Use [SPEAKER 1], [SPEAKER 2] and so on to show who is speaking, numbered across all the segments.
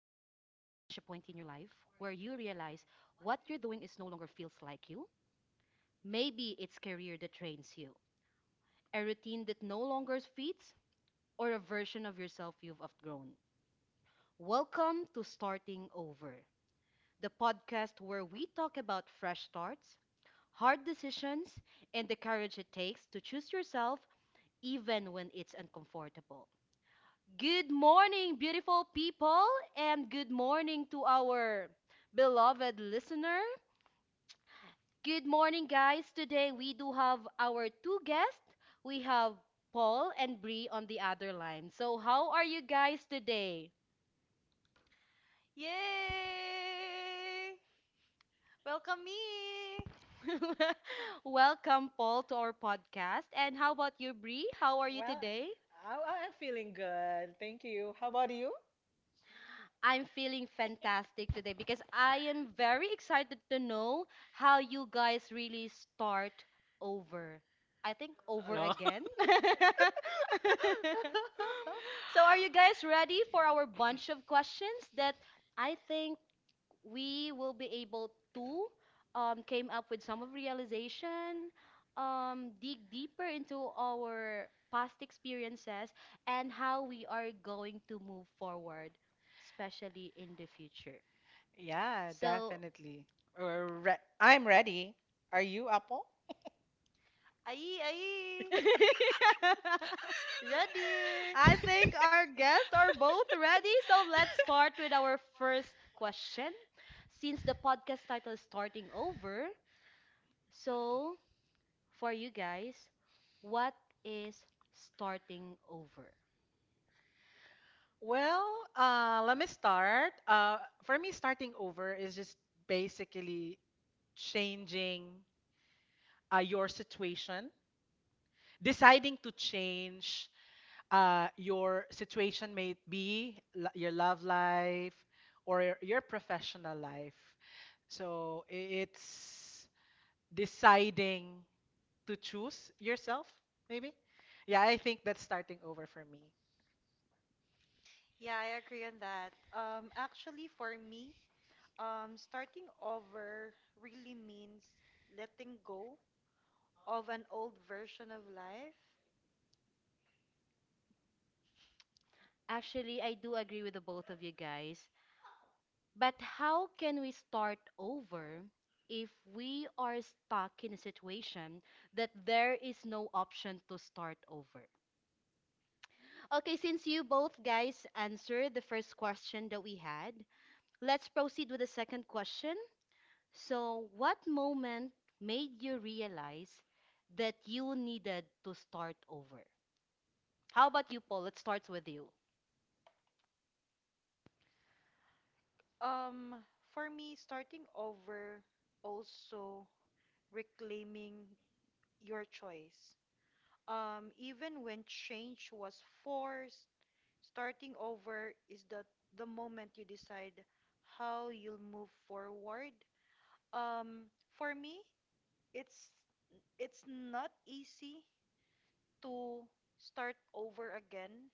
[SPEAKER 1] your life where you realize what you're doing is no longer feels like you? Maybe it's career that trains you, a routine that no longer fits, or a version of yourself you've outgrown. Welcome to Starting Over, the podcast where we talk about fresh starts, hard decisions, and the courage it takes to choose yourself even when it's uncomfortable. Good morning, beautiful people, and good morning to our beloved listener. Good morning, guys. Today we do have our two guests. We have Paul and Bree on the other line. So, how are you guys today?
[SPEAKER 2] Yay! Welcome me!
[SPEAKER 1] Welcome, Paul, to our podcast. And how about you, Bree? How are you
[SPEAKER 3] Well,
[SPEAKER 1] today?
[SPEAKER 3] I am feeling good. Thank you. How about you?
[SPEAKER 1] I'm feeling fantastic today because I am very excited to know how you guys really start over. I think over
[SPEAKER 3] No.
[SPEAKER 1] again. So, are you guys ready for our bunch of questions that I think we will be able to came up with some of realization, dig deeper into our past experiences and how we are going to move forward, especially in the future?
[SPEAKER 3] Yeah,
[SPEAKER 1] So,
[SPEAKER 3] definitely. I'm ready. Are you, Apple?
[SPEAKER 2] Ayi, ayi! Ready?
[SPEAKER 1] I think our guests are both ready. So let's start with our first question. Since the podcast title is starting over, so for you guys, what is starting over?
[SPEAKER 3] Well, let me start. For me, starting over is just basically changing your situation. Deciding to change your situation, may be your love life or your professional life. So it's deciding to choose yourself, maybe. Yeah, I think that's starting over for me.
[SPEAKER 2] Yeah, I agree on that. Actually, for me, starting over really means letting go of an old version of life.
[SPEAKER 1] Actually, I do agree with the both of you guys, but how can we start over if we are stuck in a situation that there is no option to start over? Okay, since you both guys answered the first question that we had, let's proceed with the second question. So, what moment made you realize that you needed to start over? How about you, Paul? Let's start with you.
[SPEAKER 2] Um, for me, starting over also reclaiming your choice. Even when change was forced, starting over is the moment you decide how you'll move forward. For me, it's it's not easy to start over again.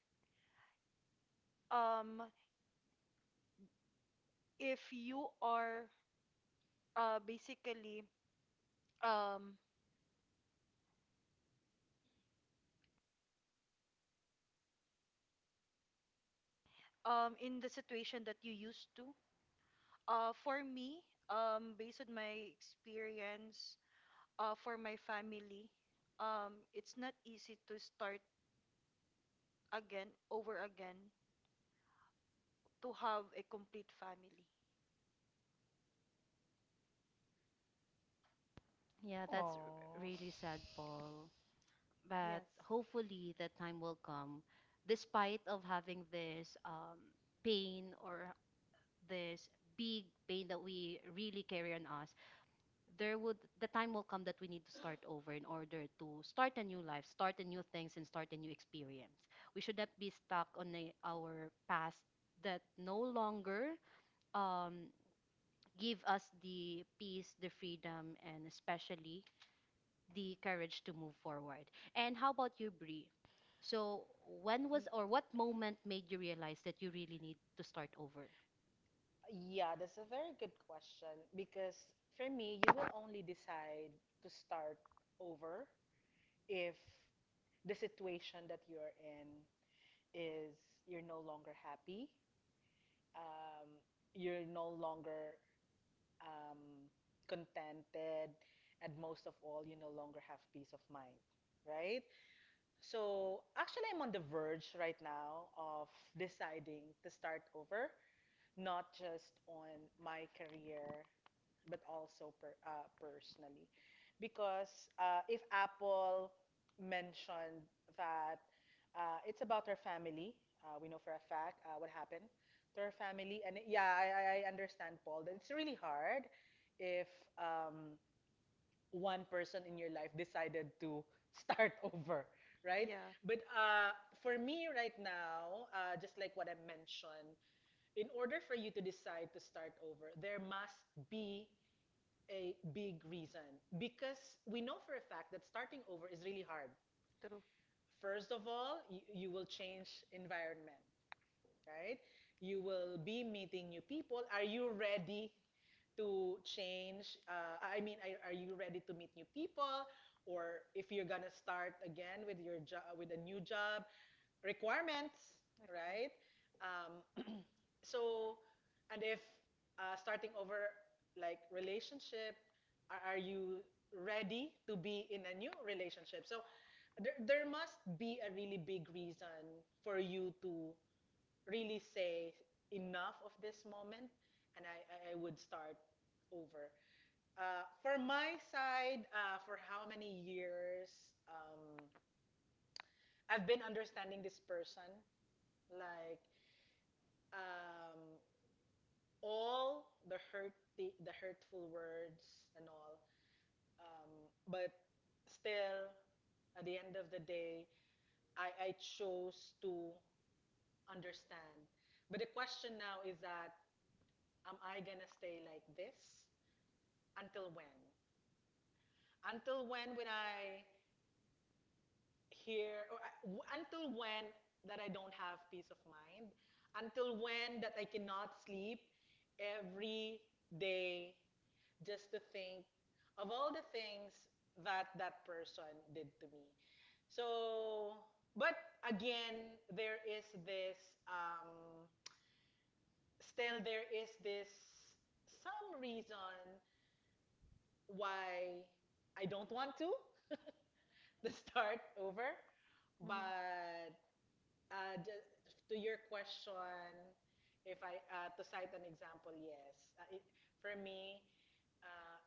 [SPEAKER 2] Um, if you are basically um, in the situation that you used to. For me, based on my experience, for my family, it's not easy to start again, over again, to have a complete family.
[SPEAKER 1] Yeah, that's
[SPEAKER 3] Oh.
[SPEAKER 1] really sad, Paul. But
[SPEAKER 2] Yes.
[SPEAKER 1] hopefully that time will come, despite of having this pain or this big pain that we really carry on us. There would the time will come that we need to start over in order to start a new life, start a new things, and start a new experience. We should not be stuck on our past that no longer um, give us the peace, the freedom, and especially the courage to move forward. And how about you, Brie? So, when was
[SPEAKER 3] Y-
[SPEAKER 1] or what moment made you realize that you really need to start over?
[SPEAKER 3] Yeah, that's a very good question because for me, you will only decide to start over if the situation that you're in is you're no longer happy, um, you're no longer um, contented, and most of all, you no longer have peace of mind, right? So actually, I'm on the verge right now of deciding to start over, not just on my career but also personally. Because if Apple mentioned that it's about her family, we know for a fact what happened to her family. And yeah, I understand, Paul, that it's really hard if um, one person in your life decided to start over, right?
[SPEAKER 2] Yeah,
[SPEAKER 3] But for me right now, just like what I mentioned, in order for you to decide to start over, there must be a big reason because we know for a fact that starting over is really hard.
[SPEAKER 2] true.
[SPEAKER 3] First of all, you will change environment, right? You will be meeting new people. Are you ready to change? I mean, are you ready to meet new people? Or if you're gonna start again with your job, with a new job, requirements, right?
[SPEAKER 2] Agree.
[SPEAKER 3] Um, so and if starting over like relationship, are you ready to be in a new relationship? So there must be a really big reason for you to really say enough of this moment, and I would start over. For my side, for how many years um, I've been understanding this person, like, um, all the hurt, the hurtful words, and all, um, but still at the end of the day, I chose to understand. But the question now is, that am I going to stay like this? Until when? Until when? When I hear, or until when that I don't have peace of mind, until when that I cannot sleep every day, just to think of all the things that that person did to me. So, but again, there is this, still there is this some reason why I don't want to to start over.
[SPEAKER 2] Mhm.
[SPEAKER 3] But uh, ju- to your question, if I to cite an example, yes, it, for me. Um,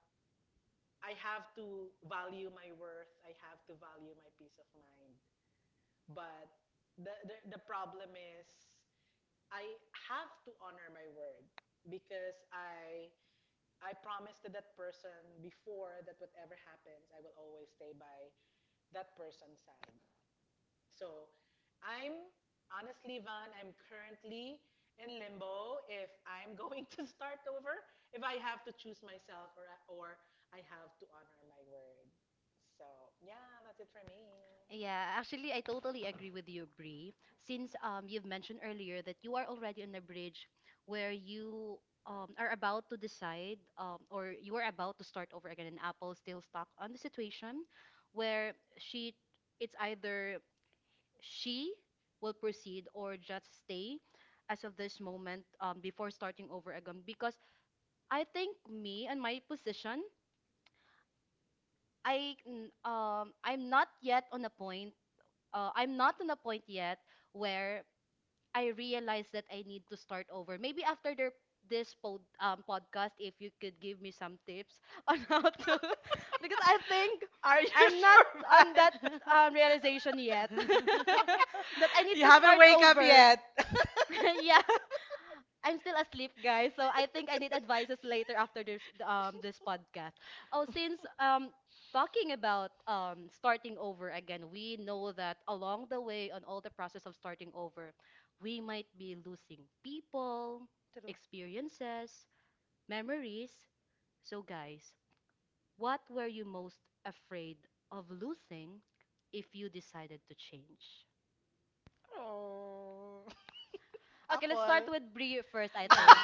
[SPEAKER 3] I have to value my worth. I have to value my peace of mind. But the problem is, I have to honor my word, because I promised to that person before that, whatever happens, I will always stay by that person's side. So I'm honestly, Van, I'm currently in limbo if I'm going to start over, if I have to choose myself, or or I have to honor my word. So yeah, that's it for me.
[SPEAKER 1] Yeah, actually, I totally agree with you, Bree. Since you've mentioned earlier that you are already on a bridge where you are about to decide or you are about to start over again, and Apple still stuck on the situation where she it's either she will proceed or just stay as of this moment before starting over again, because I think me and my position, I'm not yet on a point, I'm not on a point yet where I realize that I need to start over, maybe after their this podcast, if you could give me some tips on how to because I think
[SPEAKER 3] Are you
[SPEAKER 1] I'm not
[SPEAKER 3] sure, man?
[SPEAKER 1] on that realization yet that I need
[SPEAKER 3] You
[SPEAKER 1] to
[SPEAKER 3] haven't
[SPEAKER 1] start
[SPEAKER 3] wake up
[SPEAKER 1] over.
[SPEAKER 3] yet.
[SPEAKER 1] Yeah, I'm still asleep, guys. So I think I need advices later after this this podcast. Oh, since talking about starting over again, we know that along the way on all the process of starting over, we might be losing people,
[SPEAKER 2] True.
[SPEAKER 1] experiences, memories. So guys, what were you most afraid of losing if you decided to change?
[SPEAKER 3] Oh.
[SPEAKER 1] Okay, let's start
[SPEAKER 3] Apple.
[SPEAKER 1] with Brie first, I think.
[SPEAKER 2] Yeah.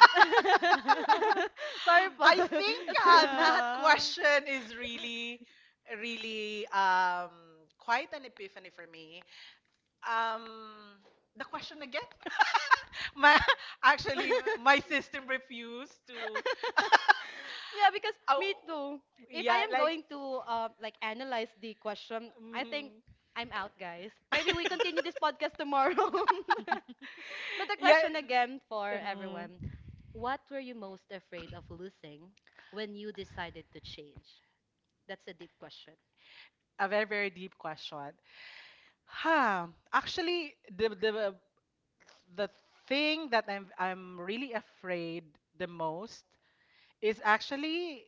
[SPEAKER 1] Sorry, Paul.
[SPEAKER 3] I think
[SPEAKER 1] Let's start with Brie.
[SPEAKER 3] that
[SPEAKER 2] yeah.
[SPEAKER 3] question is really, really quite an epiphany for me. Um, the question again? my Actually, my system refused to.
[SPEAKER 1] Yeah, because
[SPEAKER 3] Oh,
[SPEAKER 1] me too. If I
[SPEAKER 3] yeah,
[SPEAKER 1] am
[SPEAKER 3] like.
[SPEAKER 1] going to like analyze the question, I think
[SPEAKER 3] Mm.
[SPEAKER 1] I'm out, guys. Maybe we continue this podcast tomorrow. But the
[SPEAKER 3] Yeah.
[SPEAKER 1] question again for
[SPEAKER 3] mm,
[SPEAKER 1] everyone. What were you most afraid of losing when you decided to change? That's a deep question.
[SPEAKER 3] a very, very deep question. Huh. Actually, the thing that I'm really afraid the most is actually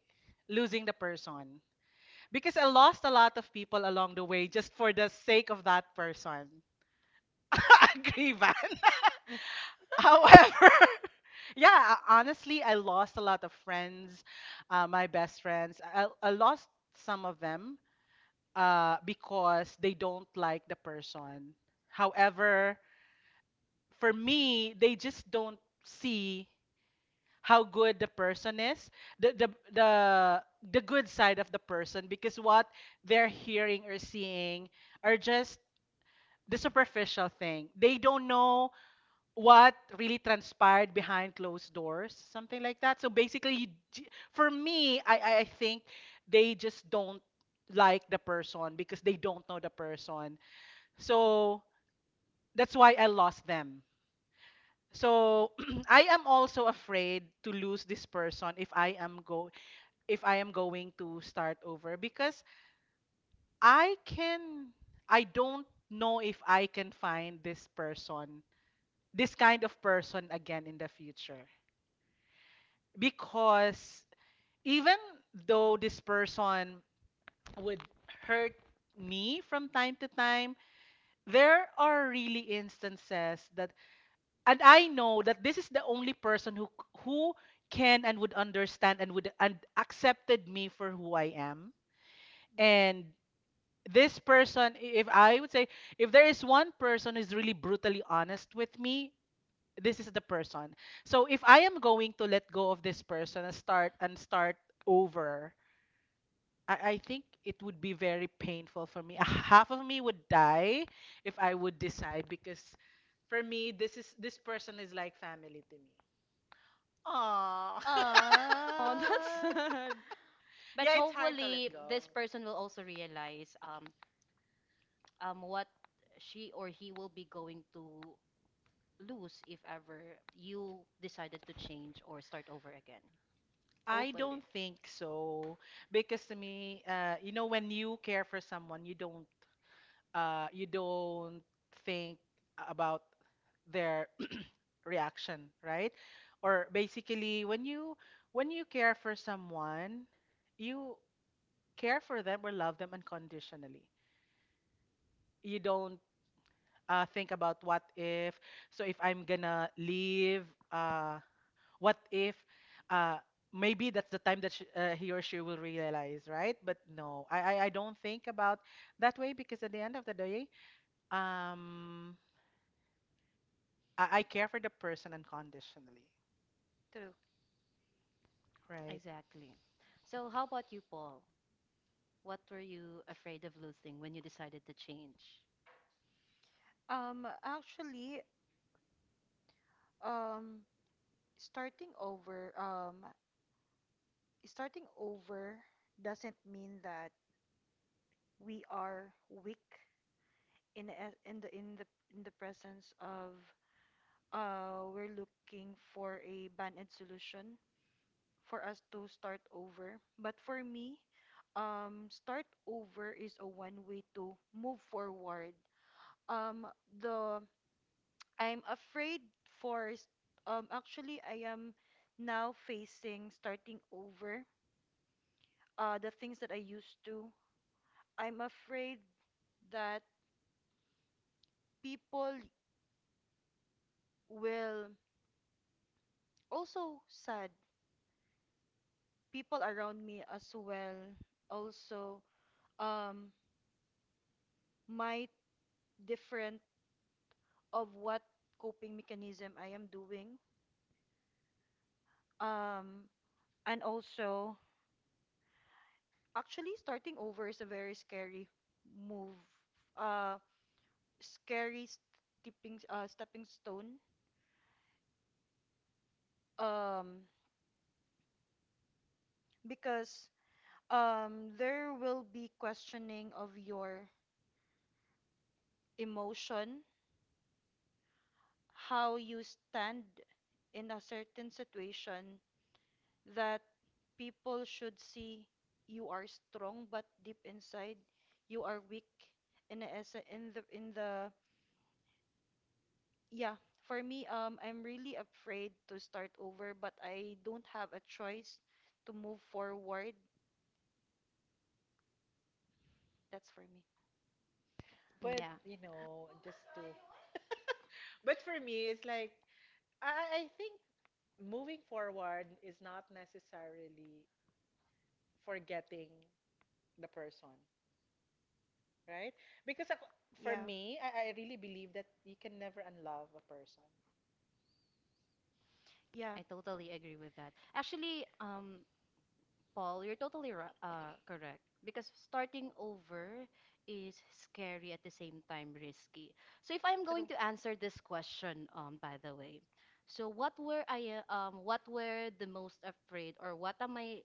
[SPEAKER 3] losing the person, because I lost a lot of people along the way just for the sake of that person. Agree, Van. However, yeah, honestly, I lost a lot of friends, my best friends. I lost some of them because they don't like the person. However, for me, they just don't see how good the person is, the the the the good side of the person, because what they're hearing or seeing are just the superficial thing. They don't know what really transpired behind closed doors, something like that. So basically, for me, I think they just don't like the person because they don't know the person. So that's why I lost them. So I am also afraid to lose this person, if I am going to start over, because I can I don't know if I can find this person, this kind of person, again in the future. Because even though this person would hurt me from time to time, there are really instances that, and I know that this is the only person who who can and would understand and would and accepted me for who I am. And this person, if I would say, if there is one person who's really brutally honest with me, this is the person. So if I am going to let go of this person and start over, I think it would be very painful for me. Half of me would die if I would decide, because for me, this person is like family to me. Aww.
[SPEAKER 1] Oh, that's
[SPEAKER 2] Uh,
[SPEAKER 1] sad. But
[SPEAKER 3] Yeah, it's hard to let
[SPEAKER 1] hopefully,
[SPEAKER 3] go.
[SPEAKER 1] this person will also realize what she or he will be going to lose if ever you decided to change or start over again.
[SPEAKER 3] I
[SPEAKER 1] Hopefully.
[SPEAKER 3] don't think so, because to me, when you care for someone, you don't, you don't think about their reaction, right? Or basically, when you care for someone, you care for them or love them unconditionally. You don't think about what if. So if I'm gonna leave, what if, uh maybe that's the time that sh he or she will realize, right? But no, I don't think about that way, because at the end of the day, um I care for the person unconditionally,
[SPEAKER 2] true.
[SPEAKER 3] right?
[SPEAKER 1] Exactly. So, how about you, Paul? What were you afraid of losing when you decided to change?
[SPEAKER 2] Actually, um, starting over, um, starting over doesn't mean that we are weak in the in the presence of we're looking for a band-aid solution for us to start over. But for me, start over is a one way to move forward. Um, the I'm afraid for actually I am now facing starting over the things that I used to. I'm afraid that people will also sad. People around me as well also um might different of what coping mechanism I am doing. Um and also actually starting over is a very scary move. Uh, scary stepping stepping stone um because there will be questioning of your emotion, how you stand in a certain situation that people should see you are strong but deep inside you are weak in the essa- in the yeah, for me, I'm really afraid to start over but I don't have a choice to move forward. That's for me.
[SPEAKER 3] But
[SPEAKER 1] Yeah,
[SPEAKER 3] just to— But for me, it's like, I think moving forward is not necessarily forgetting the person, right? because ako- for
[SPEAKER 2] Yeah,
[SPEAKER 3] me, I really believe that you can never unlove a person,
[SPEAKER 2] yeah,
[SPEAKER 1] I totally agree with that. Actually, Paul, you're totally correct. Because starting over is scary at the same time risky. So if I'm going
[SPEAKER 2] true.
[SPEAKER 1] to answer this question, by the way, so what were the most afraid, or what am I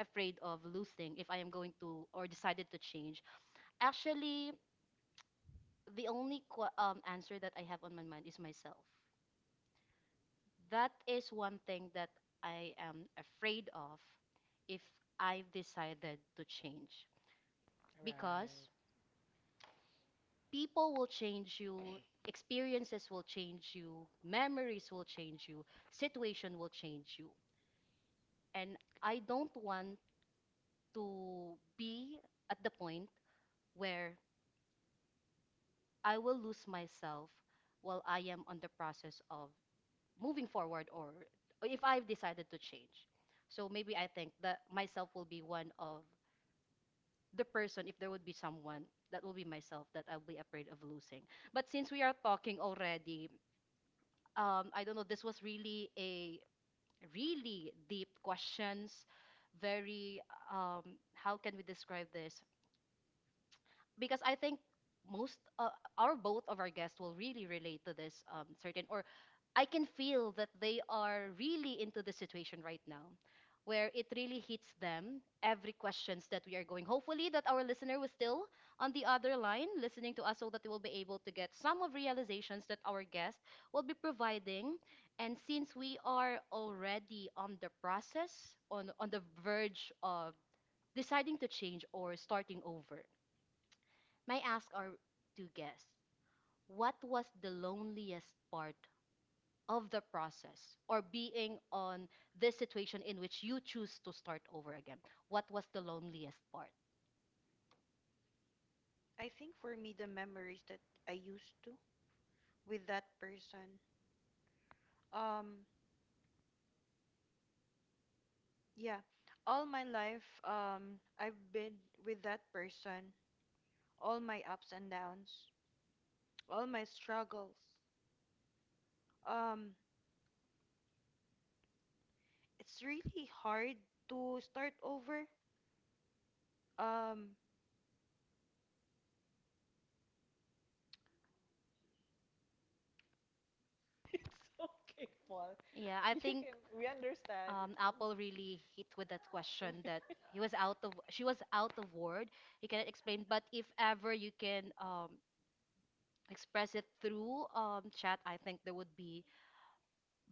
[SPEAKER 1] afraid of losing if I am going to or decided to change? Actually, the only answer that I have on my mind is myself. That is one thing that I am afraid of if I've decided to change, because
[SPEAKER 3] right?
[SPEAKER 1] people will change you, experiences will change you, memories will change you, situation will change you. And I don't want to be at the point where I will lose myself while I am on the process of moving forward or if I've decided to change. So maybe I think that myself will be one of the person, if there would be someone, that will be myself that I'll be afraid of losing. But since we are talking already, I don't know, this was really a really deep questions, very, um, how can we describe this? Because I think most, our both of our guests will really relate to this certain or I can feel that they are really into the situation right now where it really hits them every questions that we are going, hopefully that our listener was still on the other line listening to us so that they will be able to get some of realizations that our guest will be providing. And since we are already on the process on the verge of deciding to change or starting over, may I ask our two guests, what was the loneliest part of the process or being on this situation in which you choose to start over again? What was the loneliest part?
[SPEAKER 2] I think for me, the memories that I used to with that person, um, yeah, all my life, I've been with that person, all my ups and downs, all my struggles. Um, it's really hard to start over. Um,
[SPEAKER 3] It's okay, Paul.
[SPEAKER 1] Yeah, I
[SPEAKER 3] You
[SPEAKER 1] think
[SPEAKER 3] can, we understand.
[SPEAKER 1] Apple really hit with that question that he was out of she was out of word. He cannot explain, but if ever you can express it through chat, I think there would be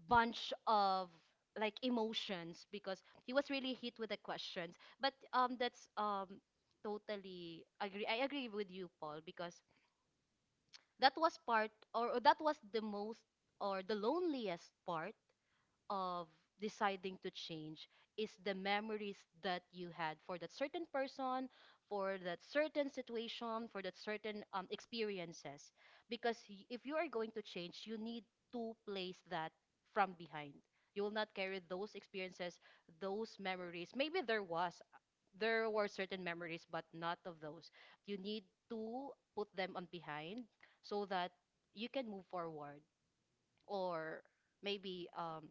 [SPEAKER 1] bunch of like emotions because he was really hit with the questions. But that's totally agree. I agree with you, Paul, because that was part, or that was the most, or the loneliest part of deciding to change is the memories that you had for that certain person, for that certain situation, for that certain experiences. Because if you are going to change, you need to place that from behind. You will not carry those experiences, those memories. Maybe there were certain memories, but not of those. You need to put them on behind so that you can move forward or maybe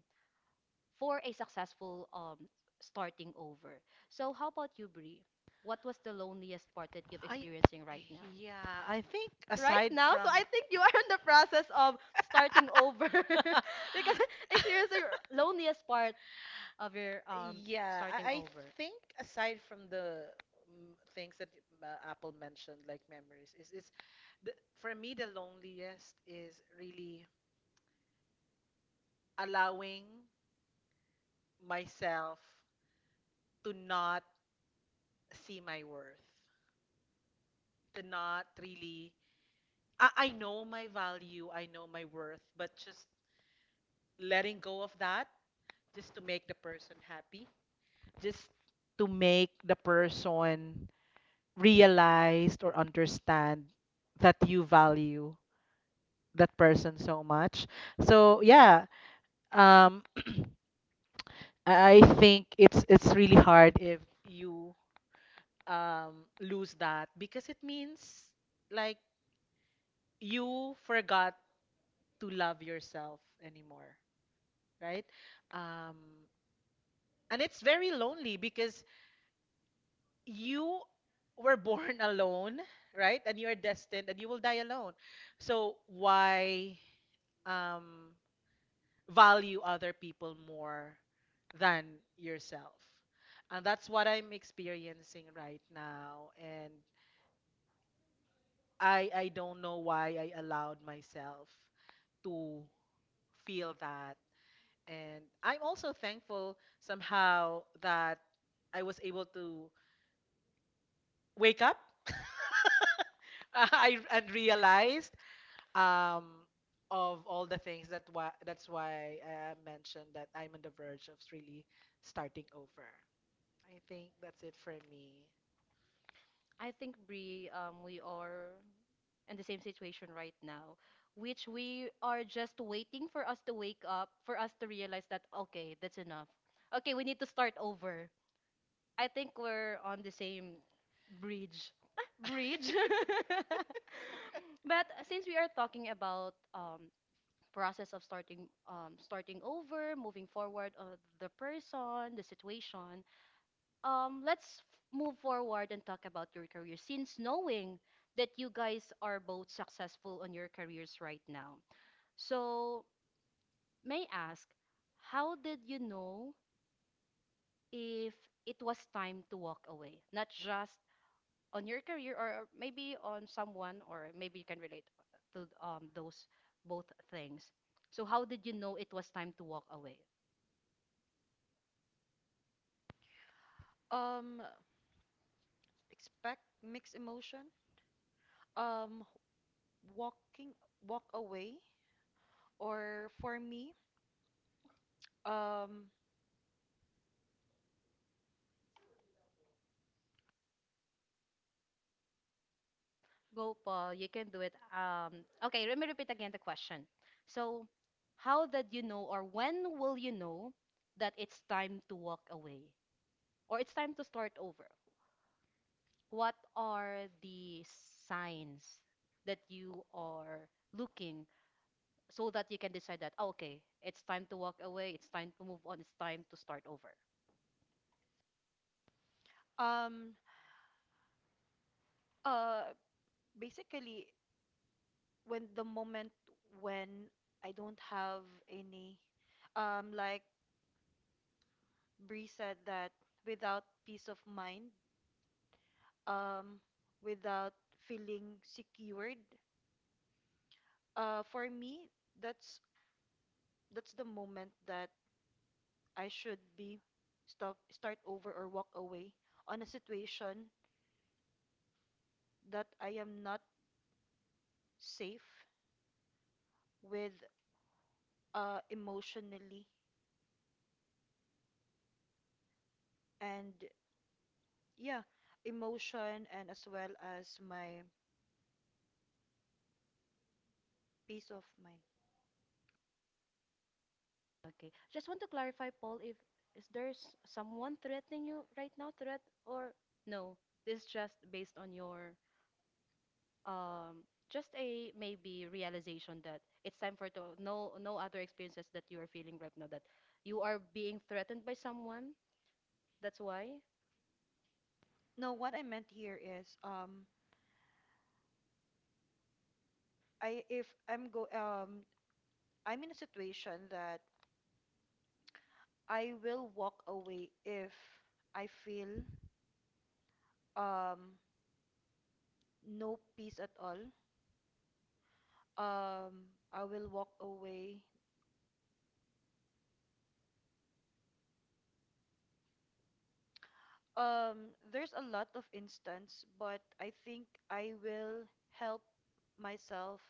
[SPEAKER 1] for a successful starting over. So how about you, Brie? What was the loneliest part that you've
[SPEAKER 3] I,
[SPEAKER 1] experiencing right now?
[SPEAKER 3] yeah, I think
[SPEAKER 1] Right
[SPEAKER 3] aside
[SPEAKER 1] now, so
[SPEAKER 3] from—
[SPEAKER 1] I think you are in the process of starting over because experiencing loneliest part of your
[SPEAKER 3] Yeah,
[SPEAKER 1] starting
[SPEAKER 3] I
[SPEAKER 1] over.
[SPEAKER 3] think aside from the things that Apple mentioned, like memories, the, for me the loneliest is really allowing myself to not see my worth, to not really I know my value, I know my worth, but just letting go of that, just to make the person happy, just to make the person realize or understand that you value that person so much. So yeah, um, I think it's really hard if you lose that, because it means like you forgot to love yourself anymore. Right? Um, and it's very lonely because you were born alone, right? And you are destined, and you will die alone. So why um, value other people more than yourself? And that's what I'm experiencing right now. And I don't know why I allowed myself to feel that. And I'm also thankful somehow that I was able to wake up. And realized um, of all the things— that's why I mentioned that I'm on the verge of really starting over. I think that's it for me.
[SPEAKER 1] I think Brie, we are in the same situation right now, which we are just waiting for us to wake up, for us to realize that okay, that's enough. Okay, we need to start over. I think we're on the same bridge. Ah, bridge. But since we are talking about process of starting over, moving forward of the person, the situation, um, let's f- move forward and talk about your career. Since knowing that you guys are both successful on your careers right now, so may I ask, how did you know if it was time to walk away? Not just on your career or maybe on someone or maybe you can relate to those both things. So how did you know it was time to walk away?
[SPEAKER 2] um, expect mixed emotion. Um, walking, walk away, or for me, Um,
[SPEAKER 1] Go Paul, you can do it. Okay, let me repeat again the question. So how did you know or when will you know that it's time to walk away or it's time to start over? What are the signs that you are looking so that you can decide that, "Oh, okay, it's time to walk away, it's time to move on, it's time to start over."
[SPEAKER 2] um, uh, basically, when the moment when I don't have any, like Bree said, that without peace of mind, um, without feeling secured, for me, that's that's the moment that I should be stop, start over, or walk away on a situation that I am not safe with, emotionally and yeah, emotion, and as well as my peace of mind.
[SPEAKER 1] Okay. Just want to clarify, Paul, if is there's someone threatening you right now, threat or no, this is just based on your um just a maybe realization that it's time for to no, no other experiences that you are feeling right now that you are being threatened by someone, that's why.
[SPEAKER 2] No, what I meant here is I if I'm in a situation that I will walk away if I feel um no peace at all. Um, I will walk away. Um, there's a lot of instance, but I think I will help myself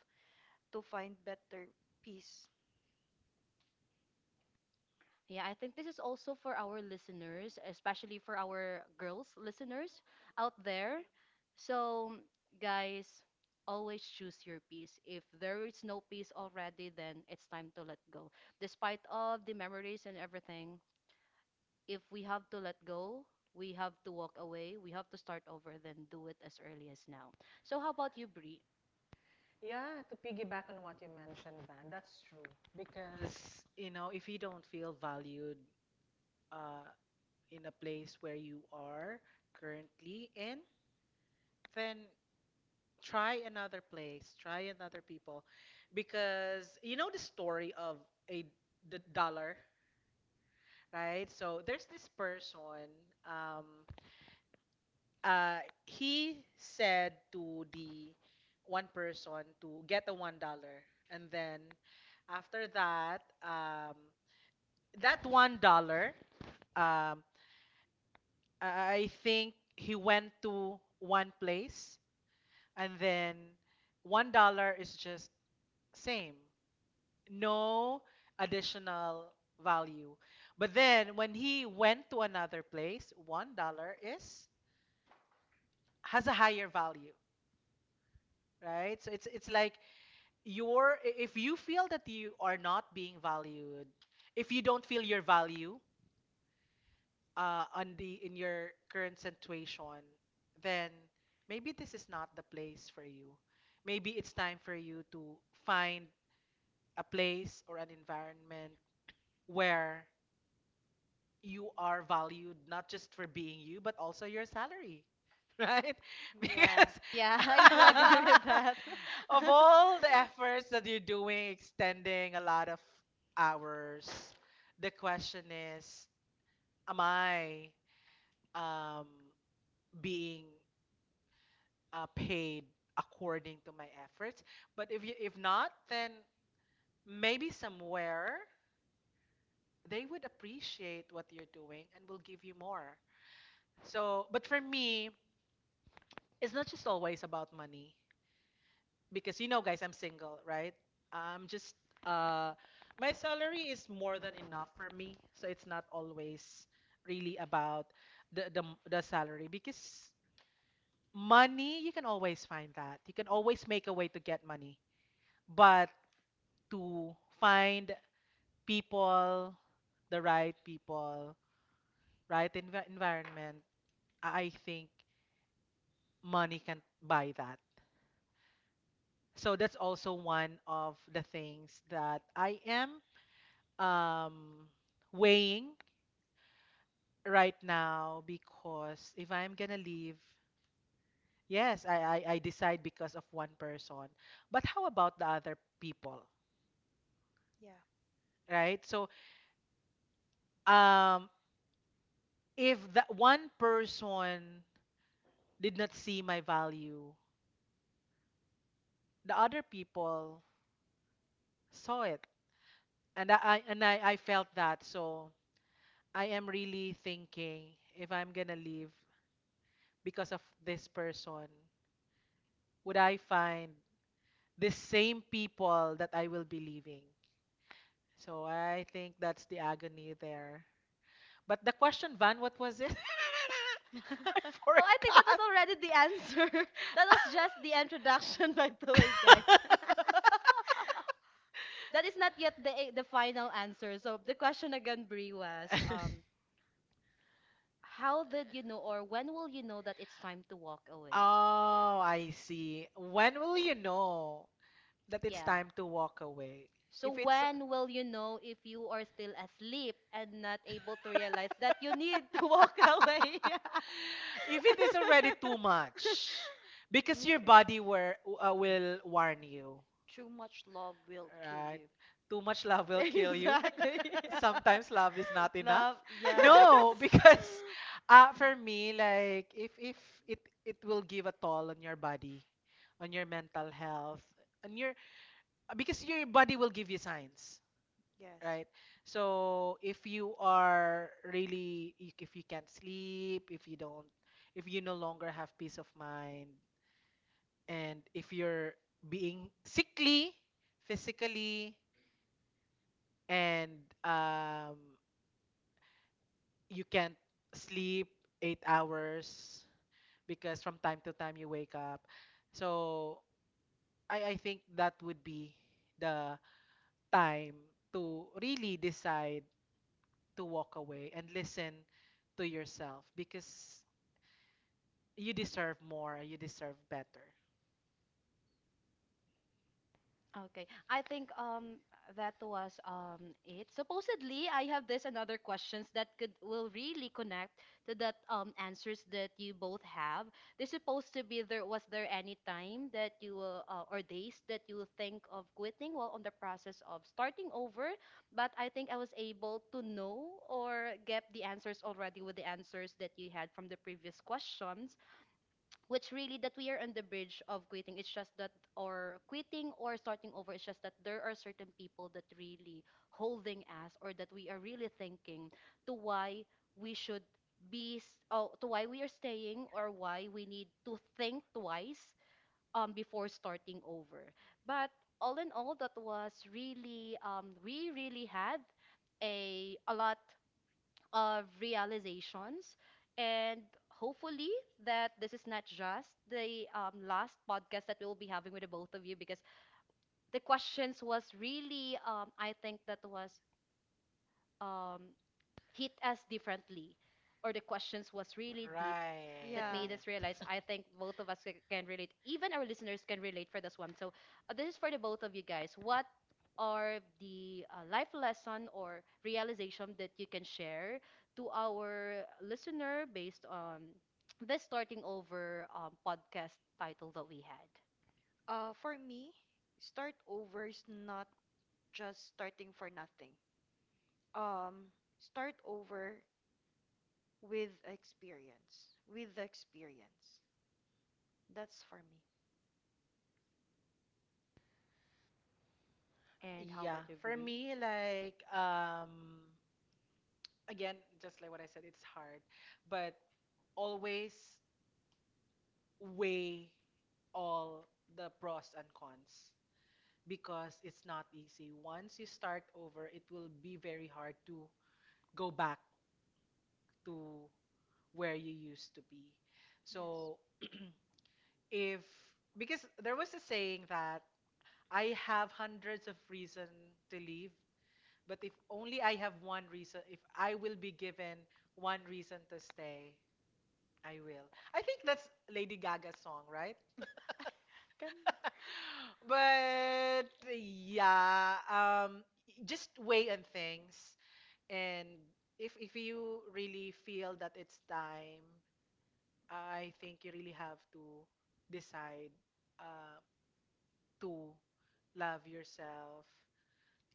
[SPEAKER 2] to find better peace.
[SPEAKER 1] Yeah, I think this is also for our listeners, especially for our girls listeners out there. So, guys, always choose your peace. If there is no peace already, then it's time to let go. Despite of the memories and everything, if we have to let go, we have to walk away, we have to start over, then do it as early as now. So, how about you, Brie?
[SPEAKER 3] Yeah, to piggyback on what you mentioned, Van, that's true. Because Because if you don't feel valued uh, in a place where you are currently in, then try another place, try another people, because you know the story of a the dollar, right? So there's this person. Um, uh, he said to the one person to get a $1, and then after that, that $1, um, I think he went to one place, and then $1 is just same, no additional value. But then when he went to another place, $1 is has a higher value, right? So it's like, your if you feel that you are not being valued, if you don't feel your value on the in your current situation, then maybe this is not the place for you. Maybe it's time for you to find a place or an environment where you are valued, not just for being you, but also your salary, right?
[SPEAKER 2] Yeah.
[SPEAKER 3] Because
[SPEAKER 1] Yeah, I do agree with that.
[SPEAKER 3] of all the efforts that you're doing, extending a lot of hours, the question is, am I um, being paid according to my efforts? But if not, then maybe somewhere they would appreciate what you're doing and will give you more. So, but for me, it's not just always about money, because guys, I'm single, right? I'm just, uh my salary is more than enough for me, so it's not always really about the the, the salary, because money you can always find, that you can always make a way to get money. But to find people, the right people, right environment, I think money can buy that. So that's also one of the things that I am um, weighing right now, because if I'm gonna leave, yes, I decide because of one person. But how about the other people,
[SPEAKER 2] Yeah.
[SPEAKER 3] right? So um, if that one person did not see my value, the other people saw it, and I felt that. So I am really thinking, if I'm gonna leave because of this person, would I find the same people that I will be leaving? So I think that's the agony there. But the question, Van, what was it? I
[SPEAKER 1] Well, I think that was
[SPEAKER 3] forgot.
[SPEAKER 1] already the answer. That was just the introduction, by the way, guys. That is not yet the final answer. So the question again, Brie, was how did you know, or when will you know that it's time to walk away?
[SPEAKER 3] Oh, I see. When will you know that it's
[SPEAKER 1] Yeah.
[SPEAKER 3] time to walk away?
[SPEAKER 1] So
[SPEAKER 3] If it's—
[SPEAKER 1] when will you know if you are still asleep and not able to realize that you need to walk away?
[SPEAKER 3] If it is already too much, because your
[SPEAKER 1] Okay.
[SPEAKER 3] body will warn you,
[SPEAKER 2] Too much love will kill
[SPEAKER 3] right?
[SPEAKER 2] you.
[SPEAKER 3] Too much love will kill you.
[SPEAKER 1] Exactly.
[SPEAKER 3] Sometimes love is not enough.
[SPEAKER 2] Love, yes.
[SPEAKER 3] No. Because for me, like, if it it will give a toll on your body, on your mental health, on your because your body will give you signs,
[SPEAKER 2] Yes.
[SPEAKER 3] right? So if you can't sleep, if you no longer have peace of mind, and if you're being sickly physically, and um, you can't sleep 8 hours because from time to time you wake up. So I think that would be the time to really decide to walk away and listen to yourself, because you deserve more, you deserve better.
[SPEAKER 1] Okay. I think that was it. Supposedly, I have this and other questions that could will really connect to that answers that you both have. They supposed to be there. Was there any time that you will, or days that you will think of quitting while on the process of starting over? But I think I was able to know or get the answers already with the answers that you had from the previous questions, which really that we are on the bridge of quitting. It's just that or quitting or starting over, it's just that there are certain people that really holding us, or that we are really thinking to why we should to why we are staying or why we need to think twice before starting over. But all in all, that was really we really had a lot of realizations. And hopefully that this is not just the last podcast that we will be having with the both of you, because the questions was really I think that was um, hit us differently, or the questions was really deep that
[SPEAKER 3] Right.
[SPEAKER 2] Yeah.
[SPEAKER 1] made us realize. I think both of us can relate, even our listeners can relate for this one. So, this is for the both of you guys. What are the life lesson or realization that you can share to our listener based on this starting over podcast title that we had?
[SPEAKER 2] For me, start over is not just starting for nothing. Um, start over with experience. With the experience. That's for me.
[SPEAKER 1] And how about
[SPEAKER 3] Yeah,
[SPEAKER 1] you,
[SPEAKER 3] for
[SPEAKER 1] Brie?
[SPEAKER 3] me, like, again, just like what I said, it's hard, but always weigh all the pros and cons, because it's not easy. Once you start over, it will be very hard to go back to where you used to be.
[SPEAKER 2] Yes.
[SPEAKER 3] So if because there was a saying that, I have hundreds of reasons to leave, but if only I have one reason, if I will be given one reason to stay, I will. I think that's Lady Gaga's song, right?
[SPEAKER 2] Can
[SPEAKER 3] But yeah, just weigh on things, and if you really feel that it's time, I think you really have to decide, uh, to love yourself,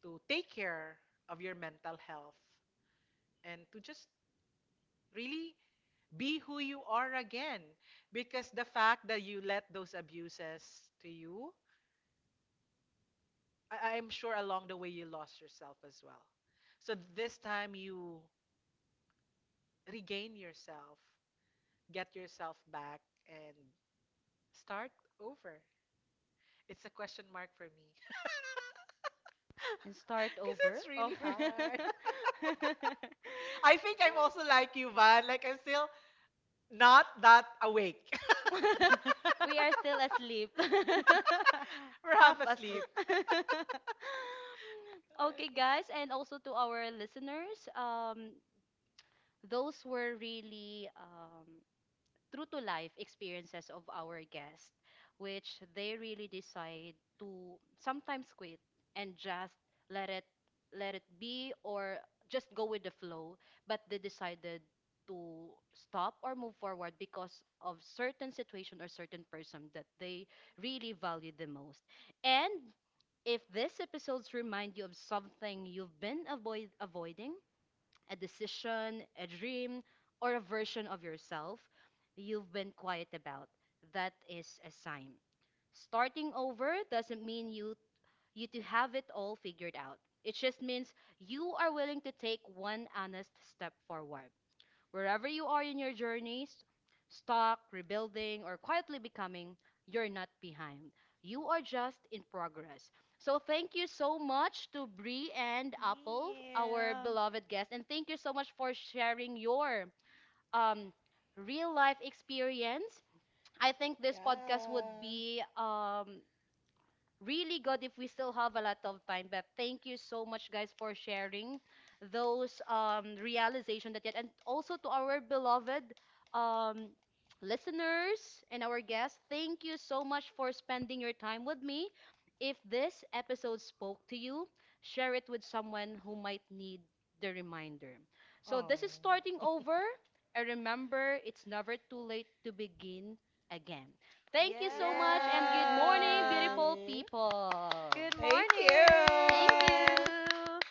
[SPEAKER 3] to take care of your mental health, and to just really be who you are again. Because the fact that you let those abuses to you, I'm sure along the way you lost yourself as well. So this time you regain yourself, get yourself back, and start over. It's a question mark for me.
[SPEAKER 1] And start
[SPEAKER 3] Because
[SPEAKER 1] over.
[SPEAKER 3] it's really
[SPEAKER 2] over?
[SPEAKER 3] hard. I think I'm also like you, Van. Like, I'm still not that awake.
[SPEAKER 1] We are still asleep.
[SPEAKER 3] We're half
[SPEAKER 2] Half asleep.
[SPEAKER 3] asleep.
[SPEAKER 1] Okay, guys, and also to our listeners, those were really true to life experiences of our guests, which they really decide to sometimes quit and just let it let it be, or just go with the flow, but they decided to stop or move forward because of certain situation or certain person that they really value the most. And if these episodes remind you of something you've been avoiding, a decision, a dream, or a version of yourself you've been quiet about. That is a sign. Starting over doesn't mean you to have it all figured out. It just means you are willing to take one honest step forward. Wherever you are in your journeys, stuck, rebuilding, or quietly becoming, you're not behind. You are just in progress. So thank you so much to Bree and Apple, our beloved guest, and thank you so much for sharing your um real life experience. I think this podcast
[SPEAKER 3] Yeah.
[SPEAKER 1] would be really good if we still have a lot of time. But thank you so much, guys, for sharing those realization that yet, and also to our beloved um, listeners and our guests. Thank you so much for spending your time with me. If this episode spoke to you, share it with someone who might need the reminder. So
[SPEAKER 3] Oh.
[SPEAKER 1] this is starting over. And remember, it's never too late to begin again.
[SPEAKER 2] Yeah.
[SPEAKER 1] Thank you so much and good morning,
[SPEAKER 2] Yeah.
[SPEAKER 1] beautiful
[SPEAKER 3] Yay!
[SPEAKER 1] people.
[SPEAKER 2] Good
[SPEAKER 3] Thank
[SPEAKER 1] Thank
[SPEAKER 2] morning.
[SPEAKER 3] you.
[SPEAKER 1] you.